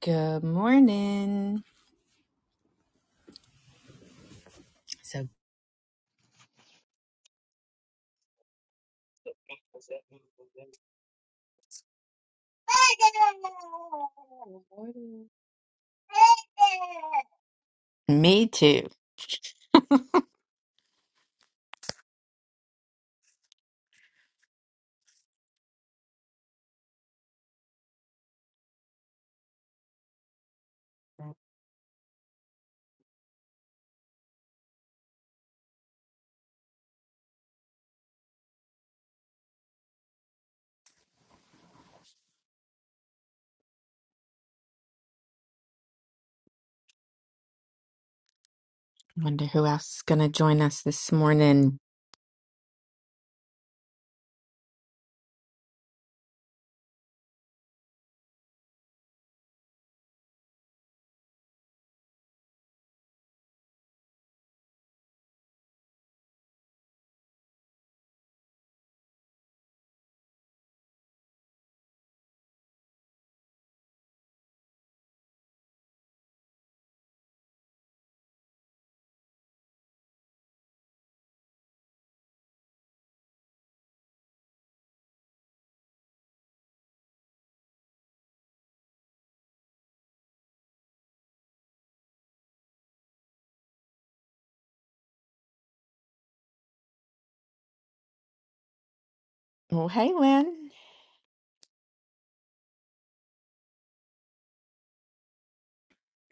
Good morning. So, It's a Good morning. me too. Wonder who else is going to join us this morning. Well, hey, Lynn.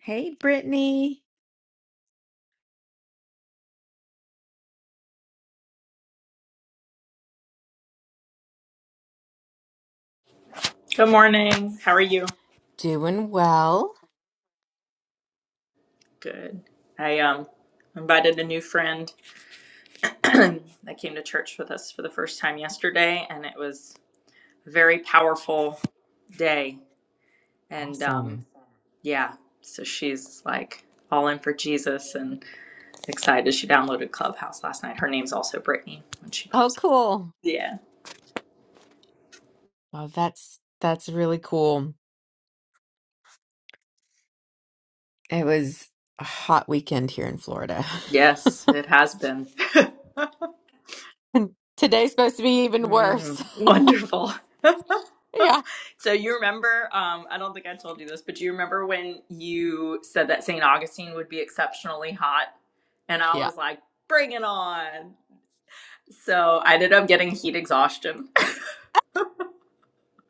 Hey, Brittany. Good morning. How are you? Doing well. Good. I um invited a new friend that came to church with us for the first time yesterday, and it was a very powerful day. And um, Awesome. yeah, so she's like all in for Jesus and excited. She downloaded Clubhouse last night. Her name's also Brittany when she Oh, pops up. cool. Yeah. Well, that's that's really cool. It was a hot weekend here in Florida. Yes, it has been. And Today's supposed to be even worse. Mm, wonderful. yeah. So you remember, um, I don't think I told you this, but do you remember when you said that St. Augustine would be exceptionally hot? And I Yeah. was like, bring it on. So I ended up getting heat exhaustion.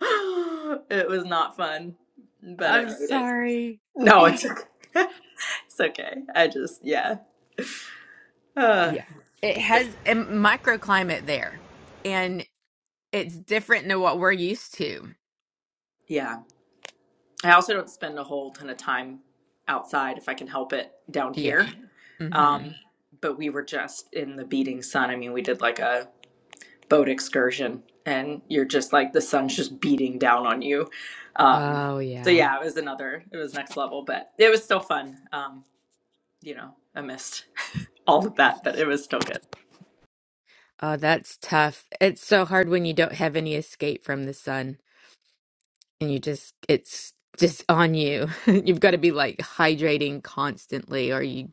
It was not fun, but I I'm made it. sorry. No, Yeah. it's okay. It's okay. I just, yeah. Uh, Yeah. It has a microclimate there. It's different than what we're used to. yeah. I also don't spend a whole ton of time outside if I can help it down Yeah. here. hmm Um, but we were just in the beating sun. I mean, we did like a boat excursion, and you're just like the sun's just beating down on you. Um, Oh, so yeah. yeah, it was another, it was next level, but it was still fun. Um, you know, I missed all of that, but it was still good. Oh, that's tough. It's so hard when you don't have any escape from the sun and you just, it's just on you. You've got to be like hydrating constantly or you,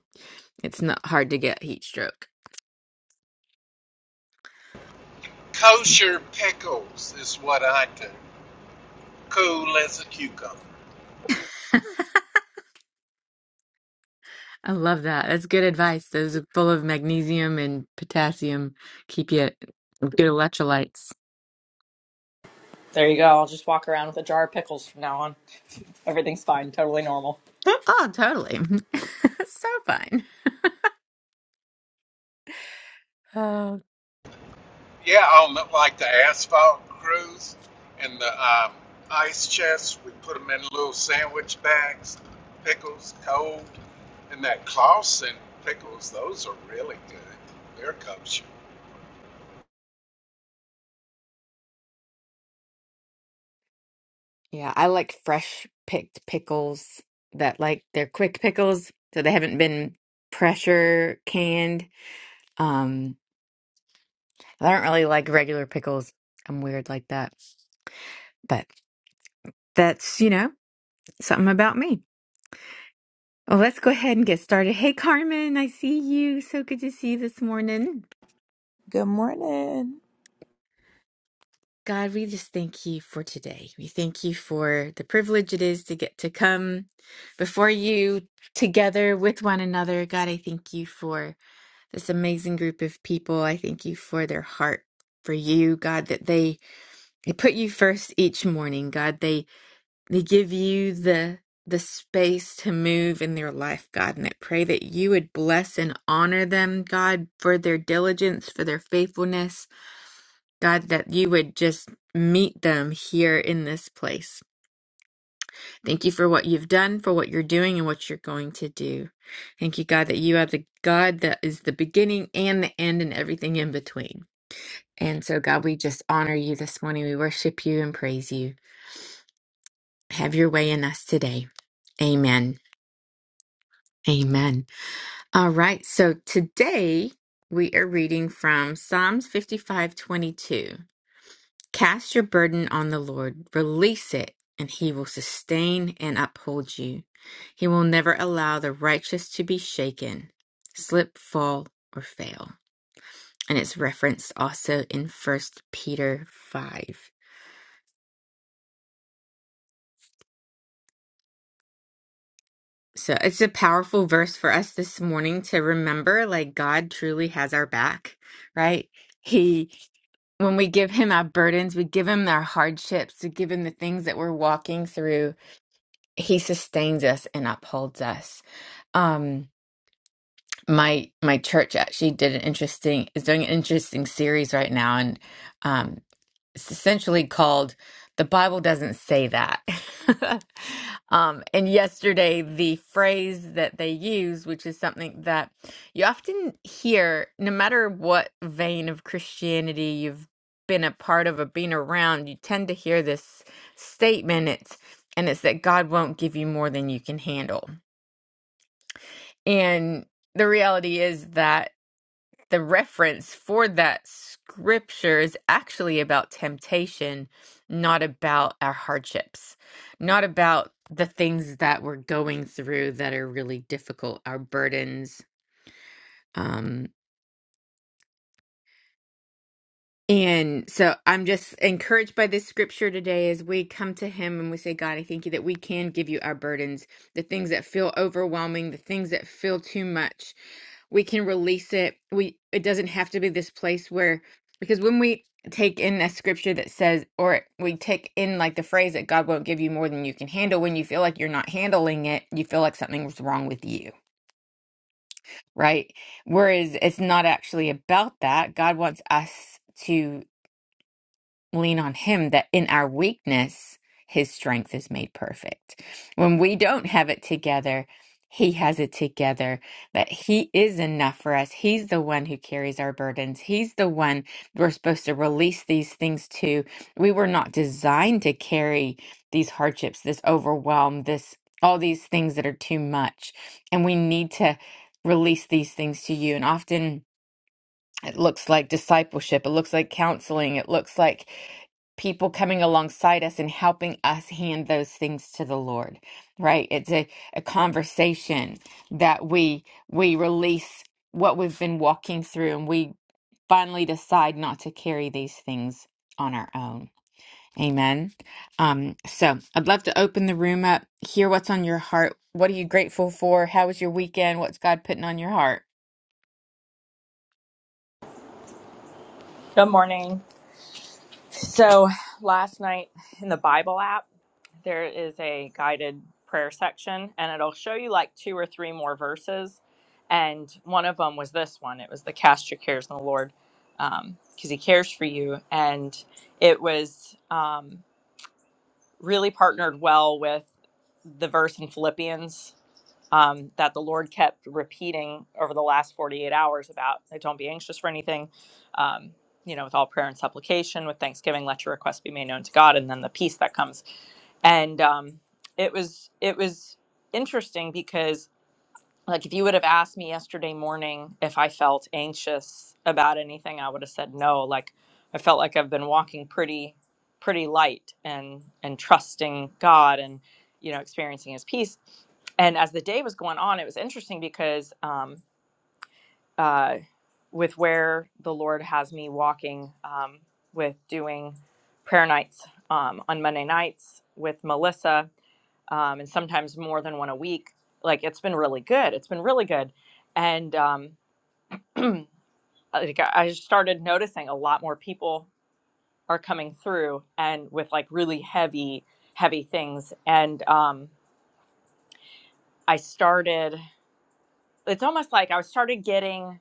it's not hard to get heat stroke. Kosher pickles is what I do. Cool as a cucumber. I love that. That's good advice. Those are full of magnesium and potassium. Keep you good electrolytes. There you go. I'll just walk around with a jar of pickles from now on. Everything's fine. Totally normal. Oh, totally. so fun. Yeah, on the, like the asphalt crews and the um, ice chests, we put them in little sandwich bags. Pickles, cold, and that Clausen pickles. Those are really good. They're kosher. Yeah, I like fresh picked pickles that like they're quick pickles, so they haven't been pressure canned. Um, I don't really like regular pickles. I'm weird like that. But that's, you know, something about me. Well, let's go ahead and get started. Hey, Carmen, I see you. So good to see you this morning. Good morning. God, we just thank you for today. We thank you for the privilege it is to get to come before you together with one another. God, I thank you for. this amazing group of people. I thank you for their heart for you, God, that they, they put you first each morning, God. They they give you the the space to move in their life, God. And I pray that you would bless and honor them, God, for their diligence, for their faithfulness. God, that you would just meet them here in this place. Thank you for what you've done, for what you're doing, and what you're going to do. Thank you, God, that you are the God that is the beginning and the end and everything in between. And so, God, we just honor you this morning. We worship you and praise you. Have your way in us today. Amen. Amen. All right. So today we are reading from Psalms 55 22. Cast your burden on the Lord, release it, and he will sustain and uphold you. He will never allow the righteous to be shaken, slip, fall, or fail. And it's referenced also in First Peter 5. So it's a powerful verse for us this morning to remember like God truly has our back, right? He, when we give him our burdens, we give him our hardships, we give him the things that we're walking through, he sustains us and upholds us. Um, my my church actually did an interesting is doing an interesting series right now, and um it's essentially called the bible doesn't say that um, and yesterday the phrase that they use which is something that you often hear no matter what vein of christianity you've been a part of or been around you tend to hear this statement it's and it's that god won't give you more than you can handle and the reality is that the reference for that scripture is actually about temptation, not about our hardships, not about the things that we're going through that are really difficult, our burdens. um, And so I'm just encouraged by this scripture today as we come to Him and we say, God, I thank you that we can give you our burdens, the things that feel overwhelming, the things that feel too much. We can release it. We it doesn't have to be this place where because when we take in a scripture that says or we take in like the phrase that God won't give you more than you can handle when you feel like you're not handling it, you feel like something's wrong with you, right? Whereas it's not actually about that. God wants us to lean on Him that in our weakness, His strength is made perfect. When we don't have it together, He has it together, that He is enough for us. He's the one who carries our burdens. He's the one we're supposed to release these things to. We were not designed to carry these hardships, this overwhelm, this all these things that are too much. And we need to release these things to you. And often, it looks like discipleship it looks like counseling it looks like people coming alongside us and helping us hand those things to the Lord, right? It's a, a conversation that we we release what we've been walking through and we finally decide not to carry these things on our own. Amen. Um, so I'd love to open the room up, hear what's on your heart. What are you grateful for? How was your weekend? What's God putting on your heart? Good morning. So last night in the Bible app, there is a guided prayer section and it'll show you like two or three more verses. And one of them was this one it was the cast your cares on the Lord because he cares for you. And it was um, really partnered well with the verse in Philippians um, that the Lord kept repeating over the last 48 hours about like, don't be anxious for anything. Um, you know, with all prayer and supplication, with thanksgiving, let your request be made known to God, and then the peace that comes. And um, it was it was interesting because like, if you would have asked me yesterday morning if I felt anxious about anything, I would have said no. Like, I felt like I've been walking pretty, pretty light and and trusting God and you know experiencing His peace. And as the day was going on, it was interesting because um, uh, with where the Lord has me walking um, with doing prayer nights um, on Monday nights with Melissa um, and sometimes more than one a week. Like it's been really good. It's been really good, and um, like I just started noticing a lot more people are coming through and with like really heavy, heavy things. And um, I started. It's almost like I started getting.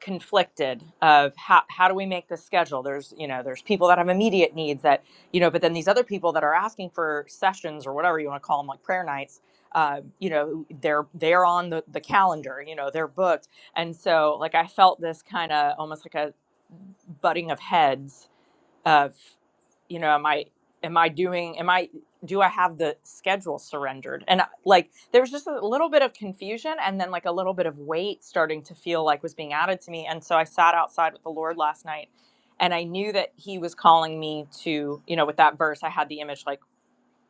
conflicted of how, how do we make this schedule there's you know there's people that have immediate needs that you know but then these other people that are asking for sessions or whatever you want to call them like prayer nights uh, you know they're they're on the, the calendar you know they're booked and so like i felt this kind of almost like a butting of heads of you know am i am i doing am i do i have the schedule surrendered and I- like there was just a little bit of confusion and then like a little bit of weight starting to feel like was being added to me and so i sat outside with the lord last night and i knew that he was calling me to you know with that verse i had the image like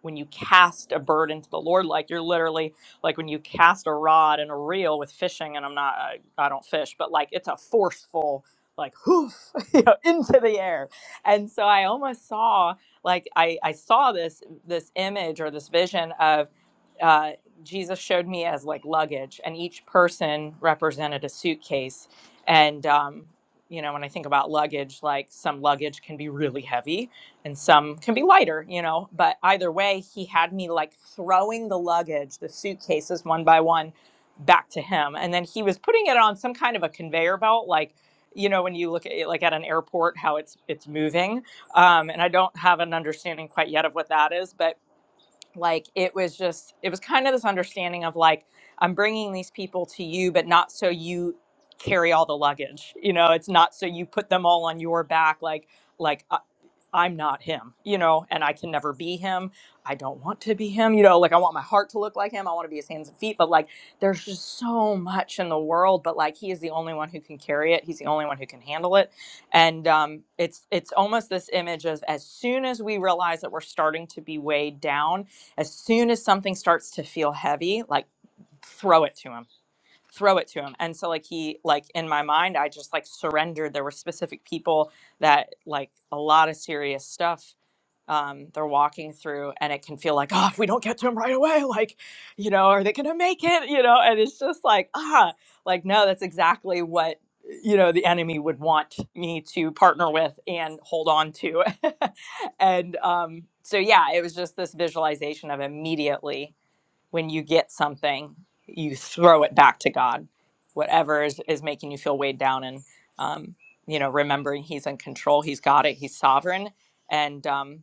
when you cast a burden to the Lord, like you're literally like when you cast a rod and a reel with fishing, and I'm not, I, I don't fish, but like it's a forceful, like hoof, you know, into the air. And so I almost saw, like I, I saw this this image or this vision of uh, Jesus showed me as like luggage, and each person represented a suitcase, and um, you know when I think about luggage, like some luggage can be really heavy, and some can be lighter, you know. But either way, he had me like throwing the luggage, the suitcases one by one back to him. And then he was putting it on some kind of a conveyor belt, like, you know, when you look at it like at an airport, how it's it's moving. Um, and I don't have an understanding quite yet of what that is, but like it was just it was kind of this understanding of like I'm bringing these people to you, but not so you carry all the luggage. You know, it's not so you put them all on your back like like uh, I'm not him, you know, and I can never be him. I don't want to be him, you know, like I want my heart to look like him. I want to be his hands and feet, but like there's just so much in the world, but like he is the only one who can carry it. He's the only one who can handle it. And um it's it's almost this image of as soon as we realize that we're starting to be weighed down, as soon as something starts to feel heavy, like throw it to him throw it to him and so like he like in my mind i just like surrendered there were specific people that like a lot of serious stuff um they're walking through and it can feel like oh if we don't get to him right away like you know are they gonna make it you know and it's just like ah like no that's exactly what you know the enemy would want me to partner with and hold on to and um so yeah it was just this visualization of immediately when you get something, you throw it back to God, whatever is, is making you feel weighed down and, um, you know, remembering He's in control, He's got it, He's sovereign. And, um,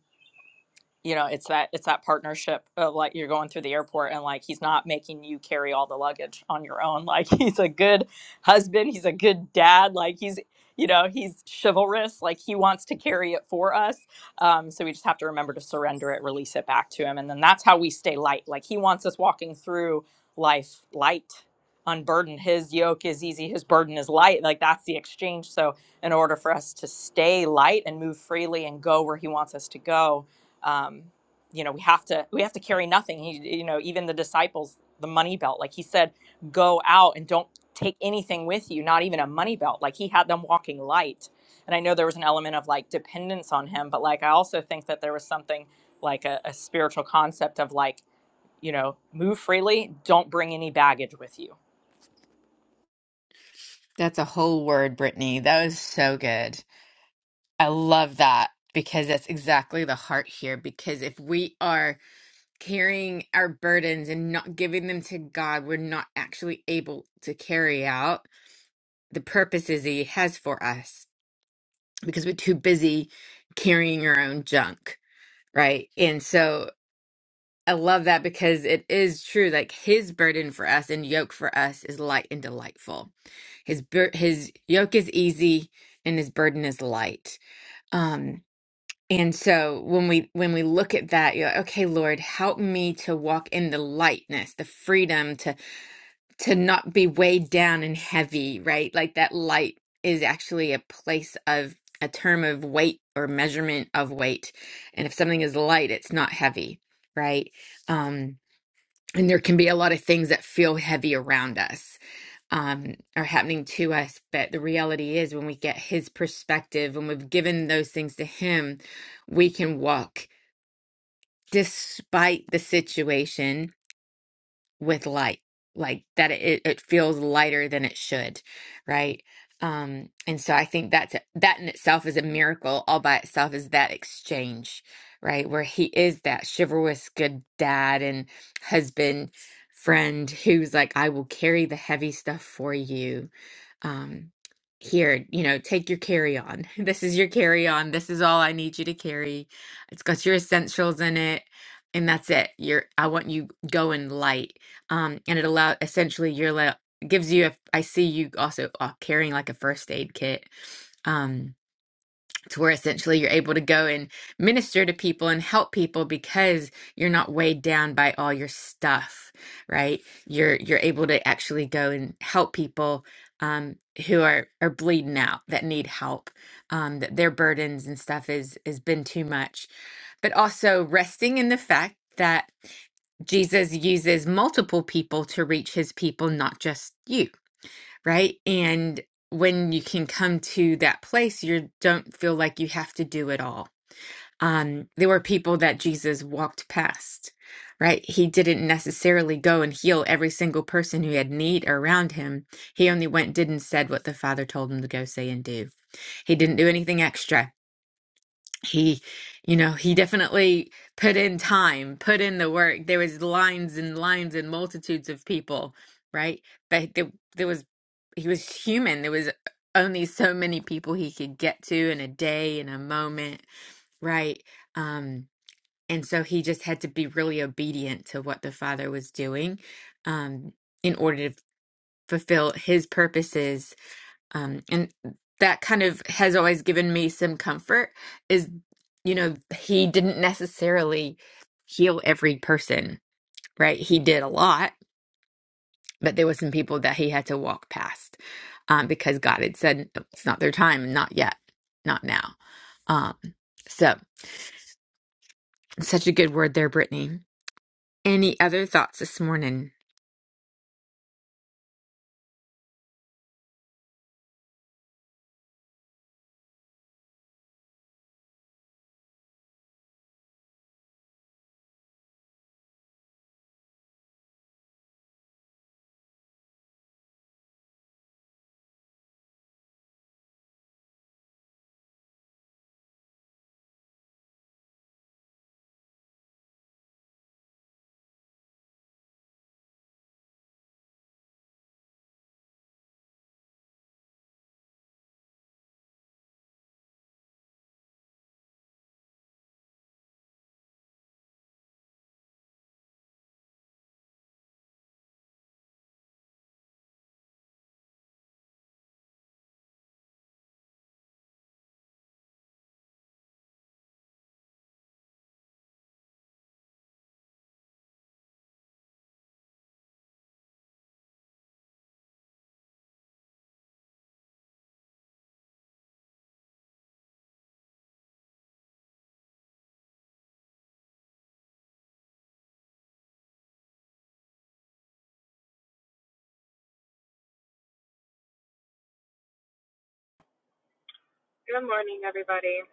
you know it's that it's that partnership of like you're going through the airport and like he's not making you carry all the luggage on your own like he's a good husband he's a good dad like he's you know he's chivalrous like he wants to carry it for us um, so we just have to remember to surrender it release it back to him and then that's how we stay light like he wants us walking through life light unburdened his yoke is easy his burden is light like that's the exchange so in order for us to stay light and move freely and go where he wants us to go um, you know we have to we have to carry nothing he, you know even the disciples the money belt like he said go out and don't take anything with you not even a money belt like he had them walking light and i know there was an element of like dependence on him but like i also think that there was something like a, a spiritual concept of like you know move freely don't bring any baggage with you That's a whole word, Brittany. That was so good. I love that because that's exactly the heart here. Because if we are carrying our burdens and not giving them to God, we're not actually able to carry out the purposes He has for us because we're too busy carrying our own junk, right? And so I love that because it is true. Like His burden for us and yoke for us is light and delightful. His bur- His yoke is easy and His burden is light. Um, And so when we when we look at that, you're like, okay, Lord, help me to walk in the lightness, the freedom to to not be weighed down and heavy, right? Like that light is actually a place of a term of weight or measurement of weight. And if something is light, it's not heavy, right? Um, and there can be a lot of things that feel heavy around us um, are happening to us. But the reality is, when we get his perspective, when we've given those things to him, we can walk despite the situation with light like that it, it feels lighter than it should right um and so i think that's that in itself is a miracle all by itself is that exchange right where he is that chivalrous good dad and husband friend who's like i will carry the heavy stuff for you um here you know take your carry on this is your carry on this is all i need you to carry it's got your essentials in it and that's it you're i want you going light um, and it allow essentially you're like gives you a I see you also uh, carrying like a first aid kit um to where essentially you're able to go and minister to people and help people because you're not weighed down by all your stuff right you're you're able to actually go and help people um who are are bleeding out that need help um that their burdens and stuff is has been too much but also resting in the fact that Jesus uses multiple people to reach his people, not just you, right? And when you can come to that place, you don't feel like you have to do it all. Um, there were people that Jesus walked past, right? He didn't necessarily go and heal every single person who had need around him. He only went, did, and said what the Father told him to go say and do. He didn't do anything extra he you know he definitely put in time put in the work there was lines and lines and multitudes of people right but there, there was he was human there was only so many people he could get to in a day in a moment right um and so he just had to be really obedient to what the father was doing um in order to fulfill his purposes um, and that kind of has always given me some comfort is you know he didn't necessarily heal every person right he did a lot but there were some people that he had to walk past um, because god had said "Nope, it's not their time not yet not now um, so such a good word there brittany any other thoughts this morning Good morning, everybody.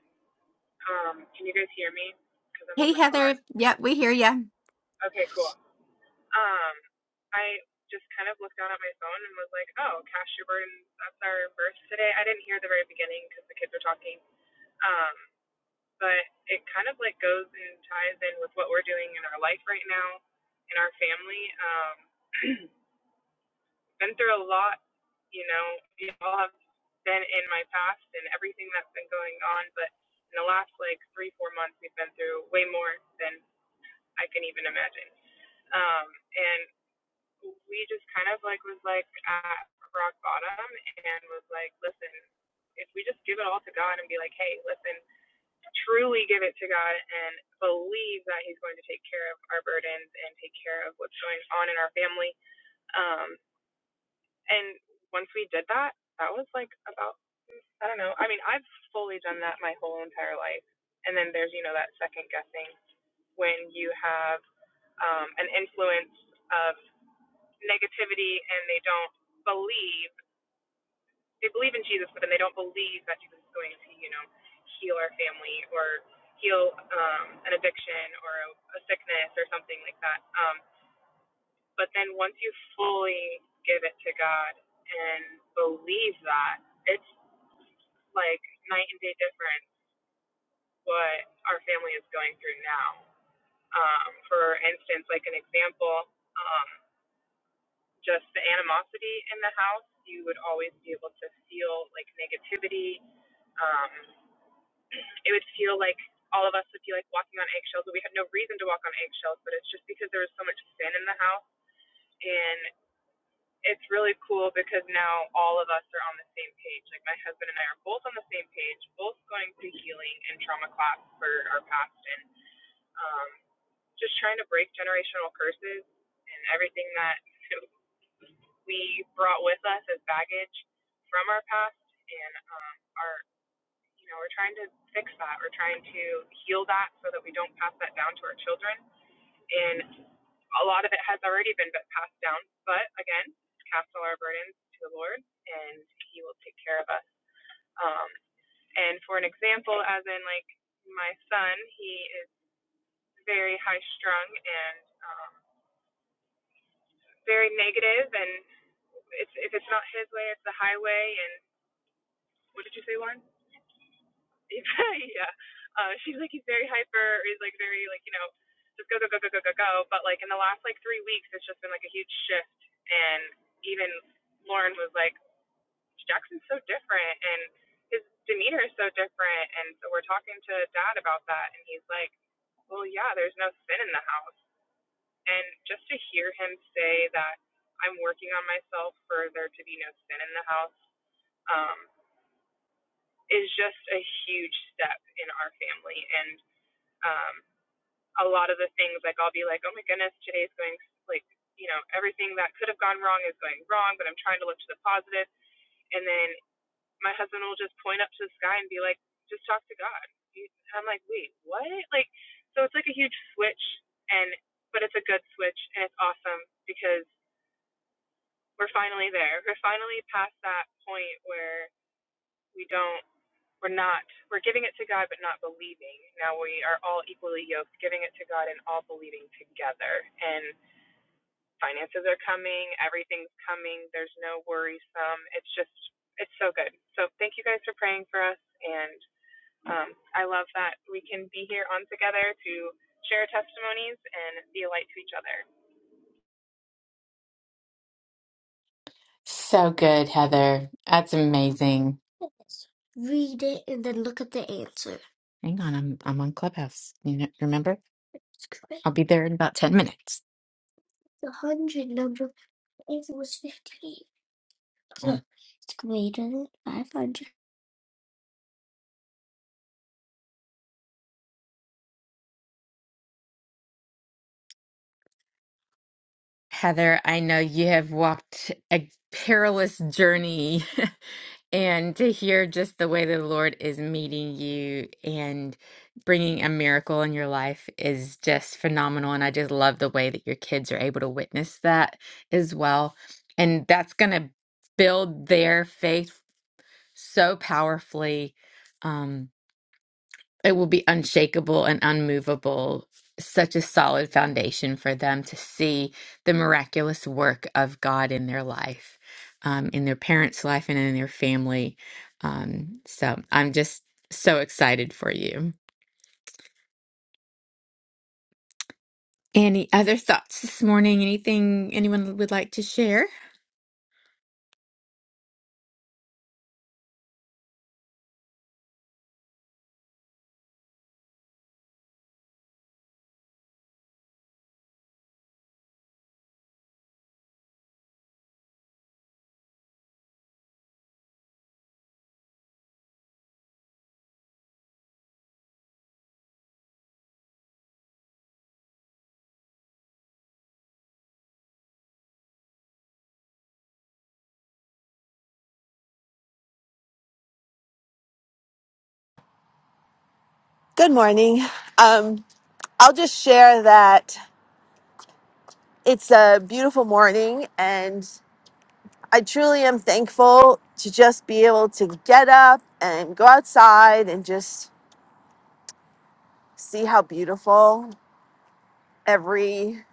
Um, can you guys hear me? Because I'm on Hey the car. Heather, yep, we hear you. Okay, cool. Um, I just kind of looked down at my phone and was like, oh, Cash Schubert, and that's our verse today. I didn't hear the very beginning because the kids were talking. Um, but it kind of like goes and ties in with what we're doing in our life right now, in our family. Um, been through a lot, you know, we all have been in my past and everything that's been going on, but in the last like three, four months, we've been through way more than I can even imagine. Um, and we just kind of like was like at rock bottom and was like, listen, if we just give it all to God and be like, hey, listen, truly give it to God and believe that He's going to take care of our burdens and take care of what's going on in our family, um, and once we did that, that was like about, I don't know. I mean, I've fully done that my whole entire life. And then there's, you know, that second guessing when you have um, an influence of negativity and they don't believe, they believe in Jesus, but then they don't believe that Jesus is going to, you know, heal our family or heal um, an addiction or a, a sickness or something like that. Um, but then once you fully give it to God and believe that, it's like night and day difference what our family is going through now. Um, for instance, like an example, um, just the animosity in the house, you would always be able to feel like negativity. Um, it would feel like all of us would be like walking on eggshells, but we had no reason to walk on eggshells, but it's just because there was so much sin in the house. And it's really cool because now all of us are on the same page. Like my husband and I are both on the same page, both going through healing and trauma class for our past and. um, just trying to break generational curses and everything that we brought with us as baggage from our past and um, our you know we're trying to fix that we're trying to heal that so that we don't pass that down to our children and a lot of it has already been passed down but again cast all our burdens to the lord and he will take care of us um, and for an example as in like my son he is very high strung and um, very negative, and it's, if it's not his way, it's the highway. And what did you say, Lauren? yeah. Uh, she's like he's very hyper. Or he's like very like you know just go go go go go go go. But like in the last like three weeks, it's just been like a huge shift. And even Lauren was like, Jackson's so different, and his demeanor is so different. And so we're talking to Dad about that, and he's like, Well, yeah, there's no sin in the house. And just to hear him say that I'm working on myself for there to be no sin in the house um, is just a huge step in our family. And um, a lot of the things, like I'll be like, oh my goodness, today's going like, you know, everything that could have gone wrong is going wrong, but I'm trying to look to the positive. And then my husband will just point up to the sky and be like, just talk to God. And I'm like, wait, what? Like, so it's like a huge switch, and but it's a good switch, and it's awesome because we're finally there. We're finally past that point where we don't, we're not, we're giving it to God but not believing. Now we are all equally yoked, giving it to God and all believing together. And finances are coming, everything's coming, there's no worrisome. It's just, it's so good. So thank you guys for praying for us. And um, I love that we can be here on together to share testimonies and be a light to each other. So good, Heather. That's amazing. Read it and then look at the answer. Hang on, I'm I'm on Clubhouse. You know, remember? It's correct. I'll be there in about 10 minutes. The hundred number. is was fifteen. So Oh, it's greater than 500. Heather, I know you have walked a perilous journey, and to hear just the way the Lord is meeting you and bringing a miracle in your life is just phenomenal. And I just love the way that your kids are able to witness that as well. And that's going to build their faith so powerfully. Um, it will be unshakable and unmovable, such a solid foundation for them to see the miraculous work of God in their life, um, in their parents' life, and in their family. Um, so I'm just so excited for you. Any other thoughts this morning? Anything anyone would like to share? Good morning. Um, I'll just share that it's a beautiful morning, and I truly am thankful to just be able to get up and go outside and just see how beautiful every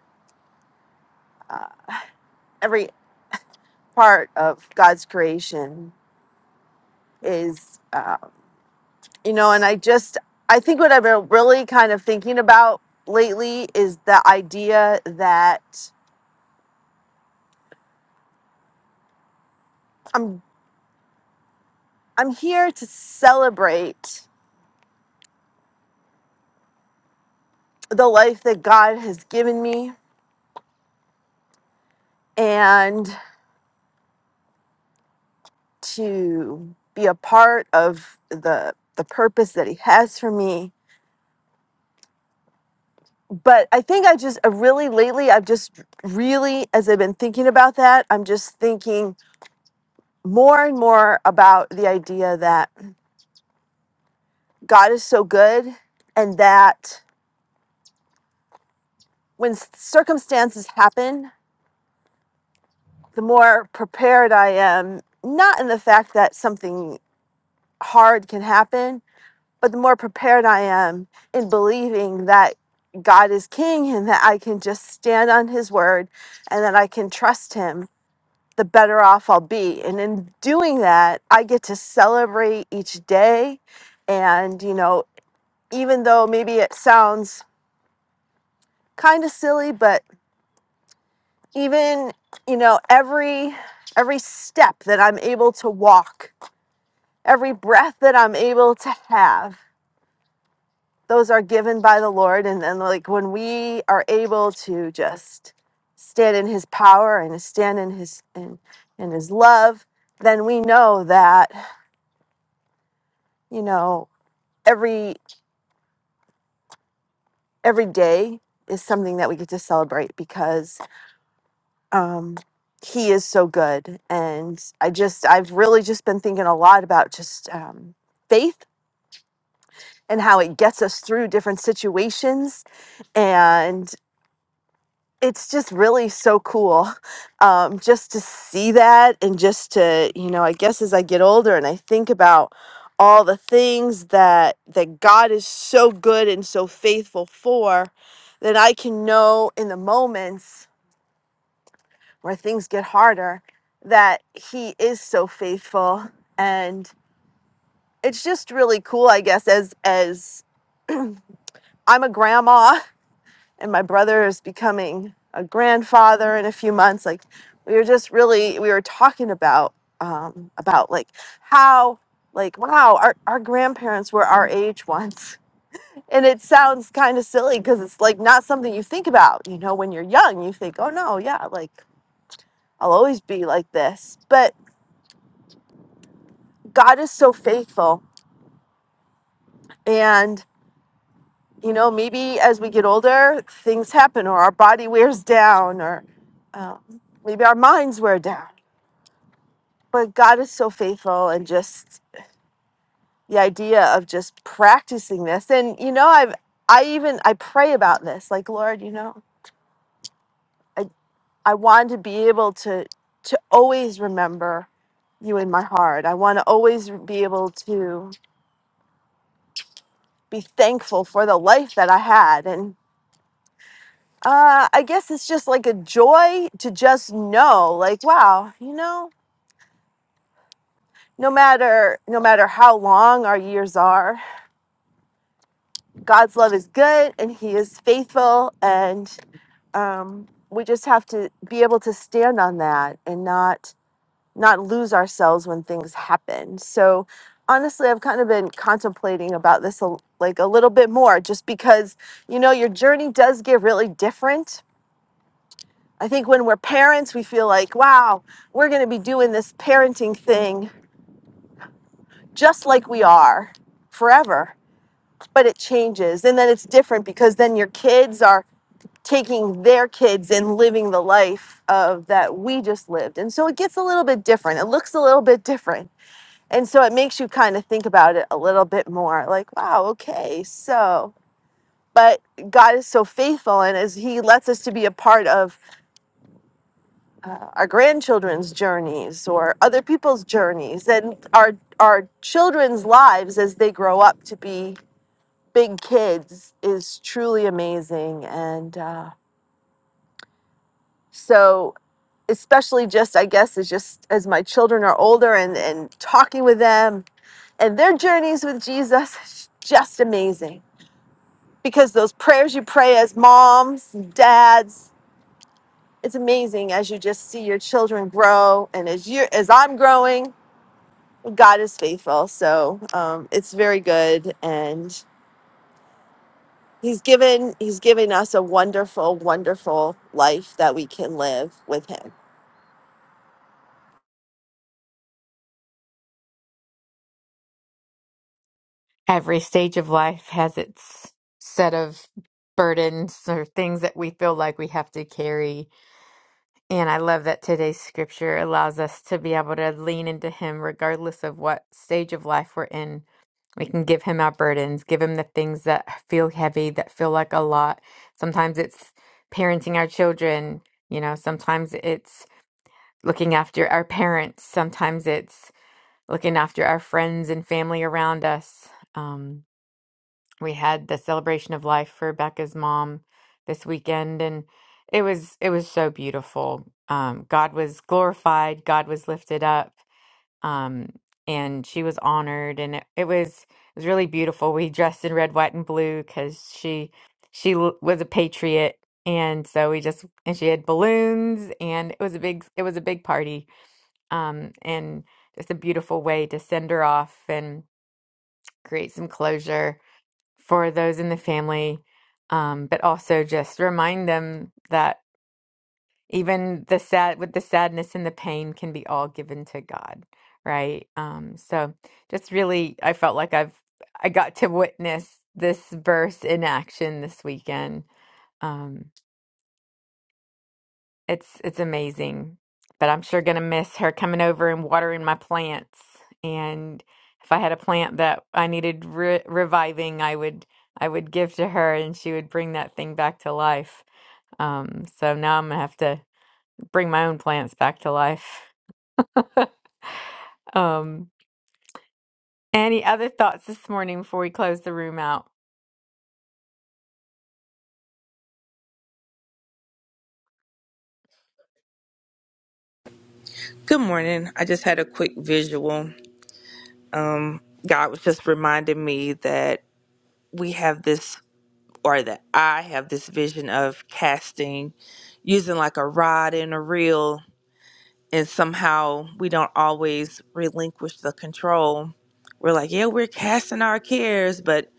uh, every part of God's creation is. Uh, you know, and I just I think what I've been really kind of thinking about lately is the idea that I'm I'm here to celebrate the life that God has given me and to be a part of the the purpose that he has for me. But I think I just I really lately I've just really as I've been thinking about that, I'm just thinking more and more about the idea that God is so good and that when circumstances happen, the more prepared I am, not in the fact that something hard can happen, but the more prepared I am in believing that God is king and that I can just stand on his word and that I can trust him, the better off I'll be. And in doing that, I get to celebrate each day. And, you know, even though maybe it sounds kind of silly, but even, you know, every every step that I'm able to walk, every breath that I'm able to have, those are given by the Lord. And then, like, when we are able to just stand in His power and stand in His in, in His love, then we know that you know every every day is something that we get to celebrate because um, He is so good. And I just I've really just been thinking a lot about just um, faith and how it gets us through different situations it's just really so cool um, just to see that and just to you know i guess as i get older and i think about all the things that that god is so good and so faithful for that i can know in the moments where things get harder that he is so faithful and it's just really cool i guess as as i'm a grandma and my brother is becoming a grandfather in a few months like we were just really we were talking about um about like how like wow our, our grandparents were our age once and it sounds kind of silly because it's like not something you think about you know when you're young you think oh no yeah like i'll always be like this but god is so faithful and you know maybe as we get older things happen or our body wears down or um, maybe our minds wear down but God is so faithful and just the idea of just practicing this and you know I've I even I pray about this like Lord you know I I want to be able to to always remember you in my heart I want to always be able to be thankful for the life that I had and uh, I guess it's just like a joy to just know like wow you know no matter no matter how long our years are God's love is good and He is faithful, and um, we just have to be able to stand on that and not not lose ourselves when things happen. So honestly, I've kind of been contemplating about this a, like a little bit more, just because you know your journey does get really different. I think when we're parents, we feel like, wow, we're going to be doing this parenting thing just like we are forever. But it changes, and then it's different because then your kids are taking their kids and living the life of that we just lived. And so it gets a little bit different. It looks a little bit different. And so it makes you kind of think about it a little bit more like, wow, okay, so, but God is so faithful. And as He lets us to be a part of uh, our grandchildren's journeys or other people's journeys and our, our children's lives as they grow up to be big kids is truly amazing. And, uh, so especially just i guess is just as my children are older and and talking with them and their journeys with jesus is just amazing because those prayers you pray as moms and dads it's amazing as you just see your children grow and as you as i'm growing god is faithful so um, it's very good and he's given he's given us a wonderful wonderful life that we can live with him Every stage of life has its set of burdens or things that we feel like we have to carry. And I love that today's scripture allows us to be able to lean into Him regardless of what stage of life we're in. We can give Him our burdens, give Him the things that feel heavy, that feel like a lot. Sometimes it's parenting our children, you know, sometimes it's looking after our parents, sometimes it's looking after our friends and family around us. Um, we had the celebration of life for Becca's mom this weekend and it was it was so beautiful. Um, God was glorified, God was lifted up, um, and she was honored and it, it was it was really beautiful. We dressed in red, white, and blue because she she l- was a patriot and so we just and she had balloons and it was a big it was a big party um and just a beautiful way to send her off and create some closure for those in the family, um, but also just remind them that even the sad with the sadness and the pain can be all given to God, right? Um, so just really, I felt like I've I got to witness this verse in action this weekend. Um, It's it's amazing. But I'm sure gonna miss her coming over and watering my plants. And if I had a plant that I needed re reviving, I would I would give to her and she would bring that thing back to life. Um, so now I'm gonna have to bring my own plants back to life. Um, any other thoughts this morning before we close the room out? Good morning. I just had a quick visual. Um, God was just reminding me that we have this, or that I have this vision of casting using like a rod and a reel, and somehow we don't always relinquish the control. We're like, yeah, we're casting our cares, but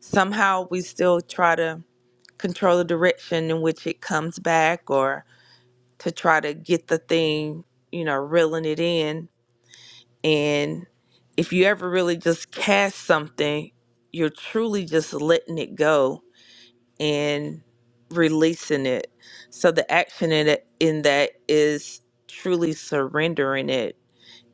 somehow we still try to control the direction in which it comes back or to try to get the thing, you know, reeling it in And if you ever really just cast something, you're truly just letting it go and releasing it. So the action in it in that is truly surrendering it.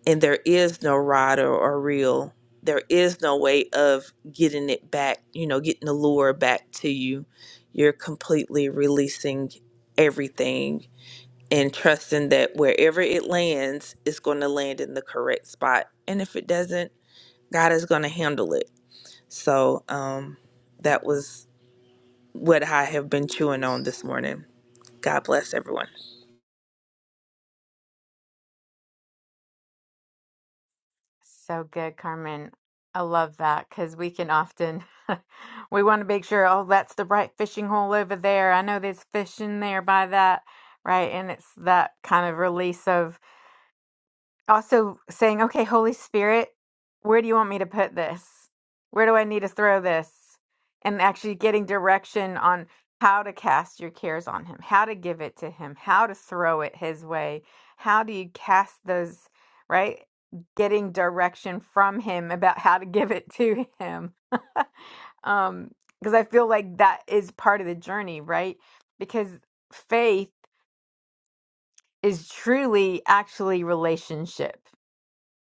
And there is no rider or reel. There is no way of getting it back, you know, getting the lure back to you. You're completely releasing everything and trusting that wherever it lands, it's going to land in the correct spot. And if it doesn't, God is going to handle it. So um, that was what I have been chewing on this morning. God bless everyone. So good, Carmen. I love that because we can often we want to make sure, oh, that's the right fishing hole over there. I know there's fish in there by that, right? And it's that kind of release of also saying, okay, Holy Spirit, where do you want me to put this? Where do I need to throw this? And actually getting direction on how to cast your cares on Him, how to give it to Him, how to throw it His way. How do you cast those, right? Getting direction from Him about how to give it to Him. um, because I feel like that is part of the journey, right? Because faith is truly actually relationship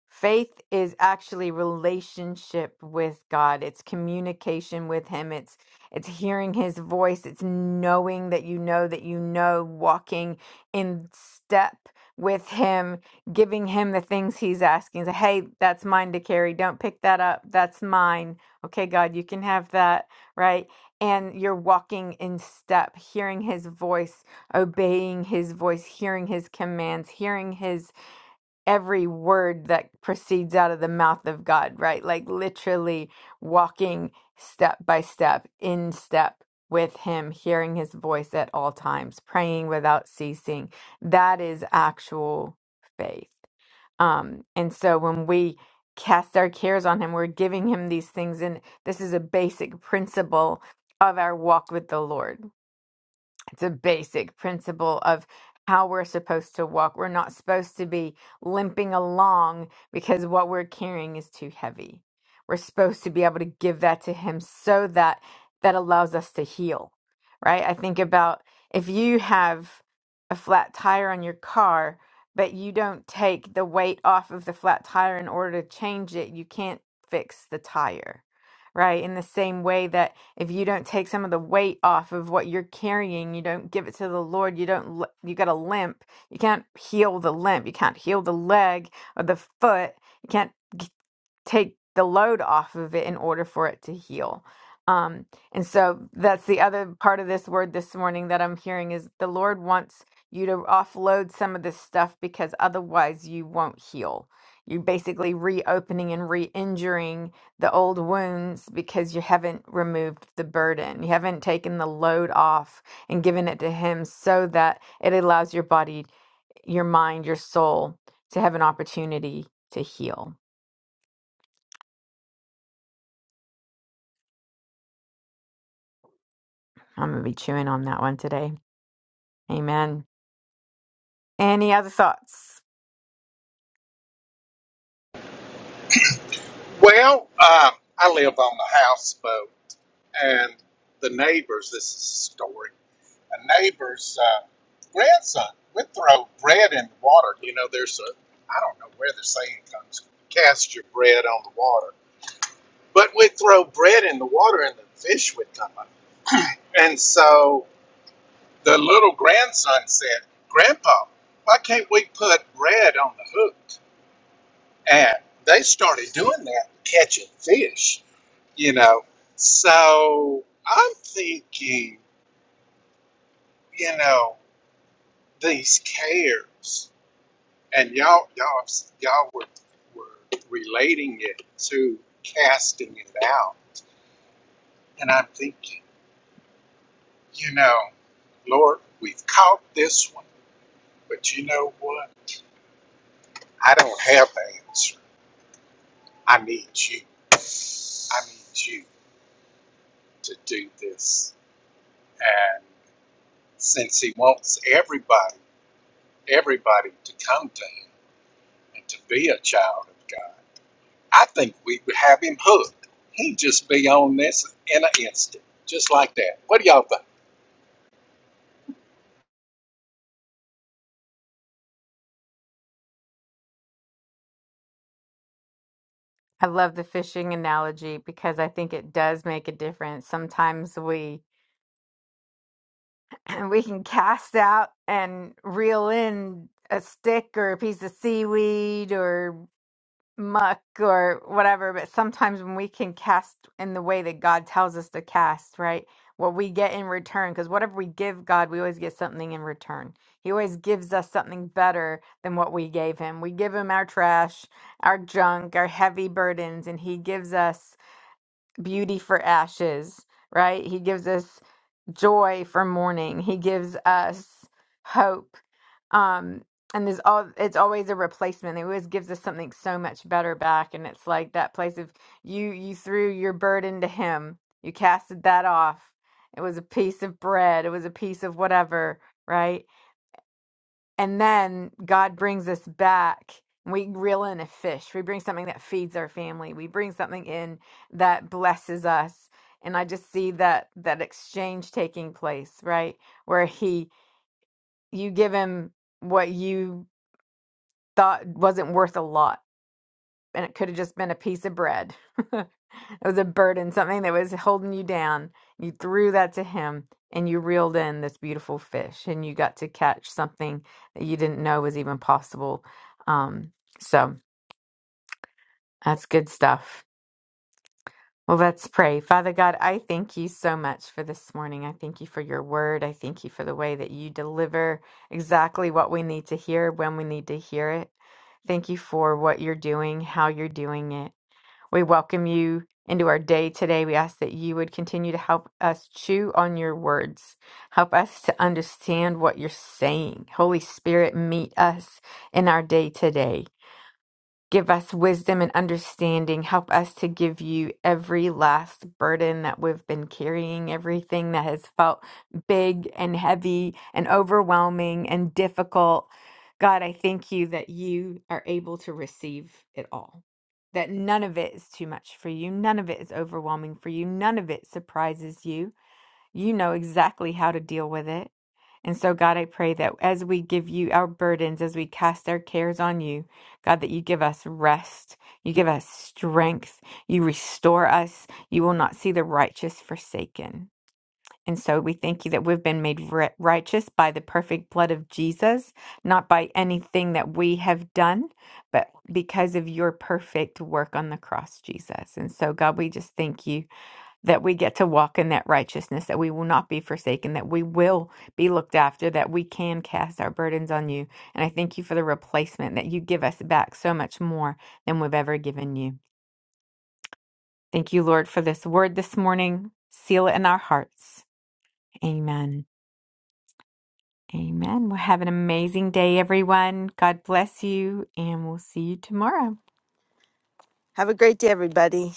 Faith is actually relationship with God. It's communication with him. It's it's hearing his voice. It's knowing that you know that you know walking in step with him, giving him the things he's asking. Say, "Hey, that's mine to carry. Don't pick that up. That's mine." Okay, God, you can have that, right? And you're walking in step, hearing his voice, obeying his voice, hearing his commands, hearing his every word that proceeds out of the mouth of God, right? Like literally walking step by step, in step with Him, hearing His voice at all times, praying without ceasing. That is actual faith. Um, and so when we cast our cares on Him, we're giving Him these things. And this is a basic principle of our walk with the Lord it's a basic principle of how we're supposed to walk. We're not supposed to be limping along because what we're carrying is too heavy. We're supposed to be able to give that to him so that that allows us to heal. Right? I think about if you have a flat tire on your car, but you don't take the weight off of the flat tire in order to change it, you can't fix the tire. Right? In the same way that if you don't take some of the weight off of what you're carrying, you don't give it to the Lord, you don't li- you got a limp. You can't heal the limp. You can't heal the leg or the foot. You can't take the load off of it in order for it to heal. Um, and so that's the other part of this word this morning that I'm hearing is the Lord wants you to offload some of this stuff because otherwise you won't heal. You're basically reopening and re injuring the old wounds because you haven't removed the burden. You haven't taken the load off and given it to Him so that it allows your body, your mind, your soul to have an opportunity to heal. I'm going to be chewing on that one today. Amen. Any other thoughts? Well, um, I live on a houseboat, and the neighbors. This is a story. a neighbor's uh, grandson would throw bread in the water. You know, there's a, I don't know where the saying comes, from, cast your bread on the water. But we'd throw bread in the water and the fish would come up. And so the little grandson said, Grandpa, why can't we put bread on the hook? And they started doing that, catching fish, you know. So I'm thinking, you know, these cares. and y'all y'all y'all were were relating it to casting it out and i'm thinking you know lord we've caught this one but you know what i don't have the answer i need you i need you to do this and since he wants everybody everybody to come to him and to be a child of god I think we would have him hooked. He'd just be on this in an instant, just like that. What do y'all think? I love the fishing analogy because I think it does make a difference. Sometimes we we can cast out and reel in a stick or a piece of seaweed or muck or whatever, but sometimes when we can cast in the way that God tells us to cast, right? What we get in return, because whatever we give God, we always get something in return. He always gives us something better than what we gave him. We give him our trash, our junk, our heavy burdens, and he gives us beauty for ashes, right? He gives us joy for mourning. He gives us hope. Um, and there's all it's always a replacement. It always gives us something so much better back. And it's like that place of you you threw your burden to him. You casted that off. It was a piece of bread. It was a piece of whatever, right? And then God brings us back. We reel in a fish. We bring something that feeds our family. We bring something in that blesses us. And I just see that that exchange taking place, right? Where he you give him what you thought wasn't worth a lot and it could have just been a piece of bread. it was a burden, something that was holding you down. You threw that to him and you reeled in this beautiful fish and you got to catch something that you didn't know was even possible. Um, so that's good stuff. Well, let's pray. Father God, I thank you so much for this morning. I thank you for your word. I thank you for the way that you deliver exactly what we need to hear when we need to hear it. Thank you for what you're doing, how you're doing it. We welcome you into our day today. We ask that you would continue to help us chew on your words. Help us to understand what you're saying. Holy Spirit, meet us in our day today. Give us wisdom and understanding. Help us to give you every last burden that we've been carrying, everything that has felt big and heavy and overwhelming and difficult. God, I thank you that you are able to receive it all, that none of it is too much for you, none of it is overwhelming for you, none of it surprises you. You know exactly how to deal with it. And so, God, I pray that as we give you our burdens, as we cast our cares on you, God, that you give us rest, you give us strength, you restore us. You will not see the righteous forsaken. And so we thank you that we've been made ri- righteous by the perfect blood of Jesus, not by anything that we have done, but because of your perfect work on the cross, Jesus. And so, God, we just thank you that we get to walk in that righteousness, that we will not be forsaken, that we will be looked after, that we can cast our burdens on you. And I thank you for the replacement that you give us back so much more than we've ever given you. Thank you, Lord, for this word this morning. Seal it in our hearts. Amen. Amen. Well, have an amazing day, everyone. God bless you, and we'll see you tomorrow. have a great day everybody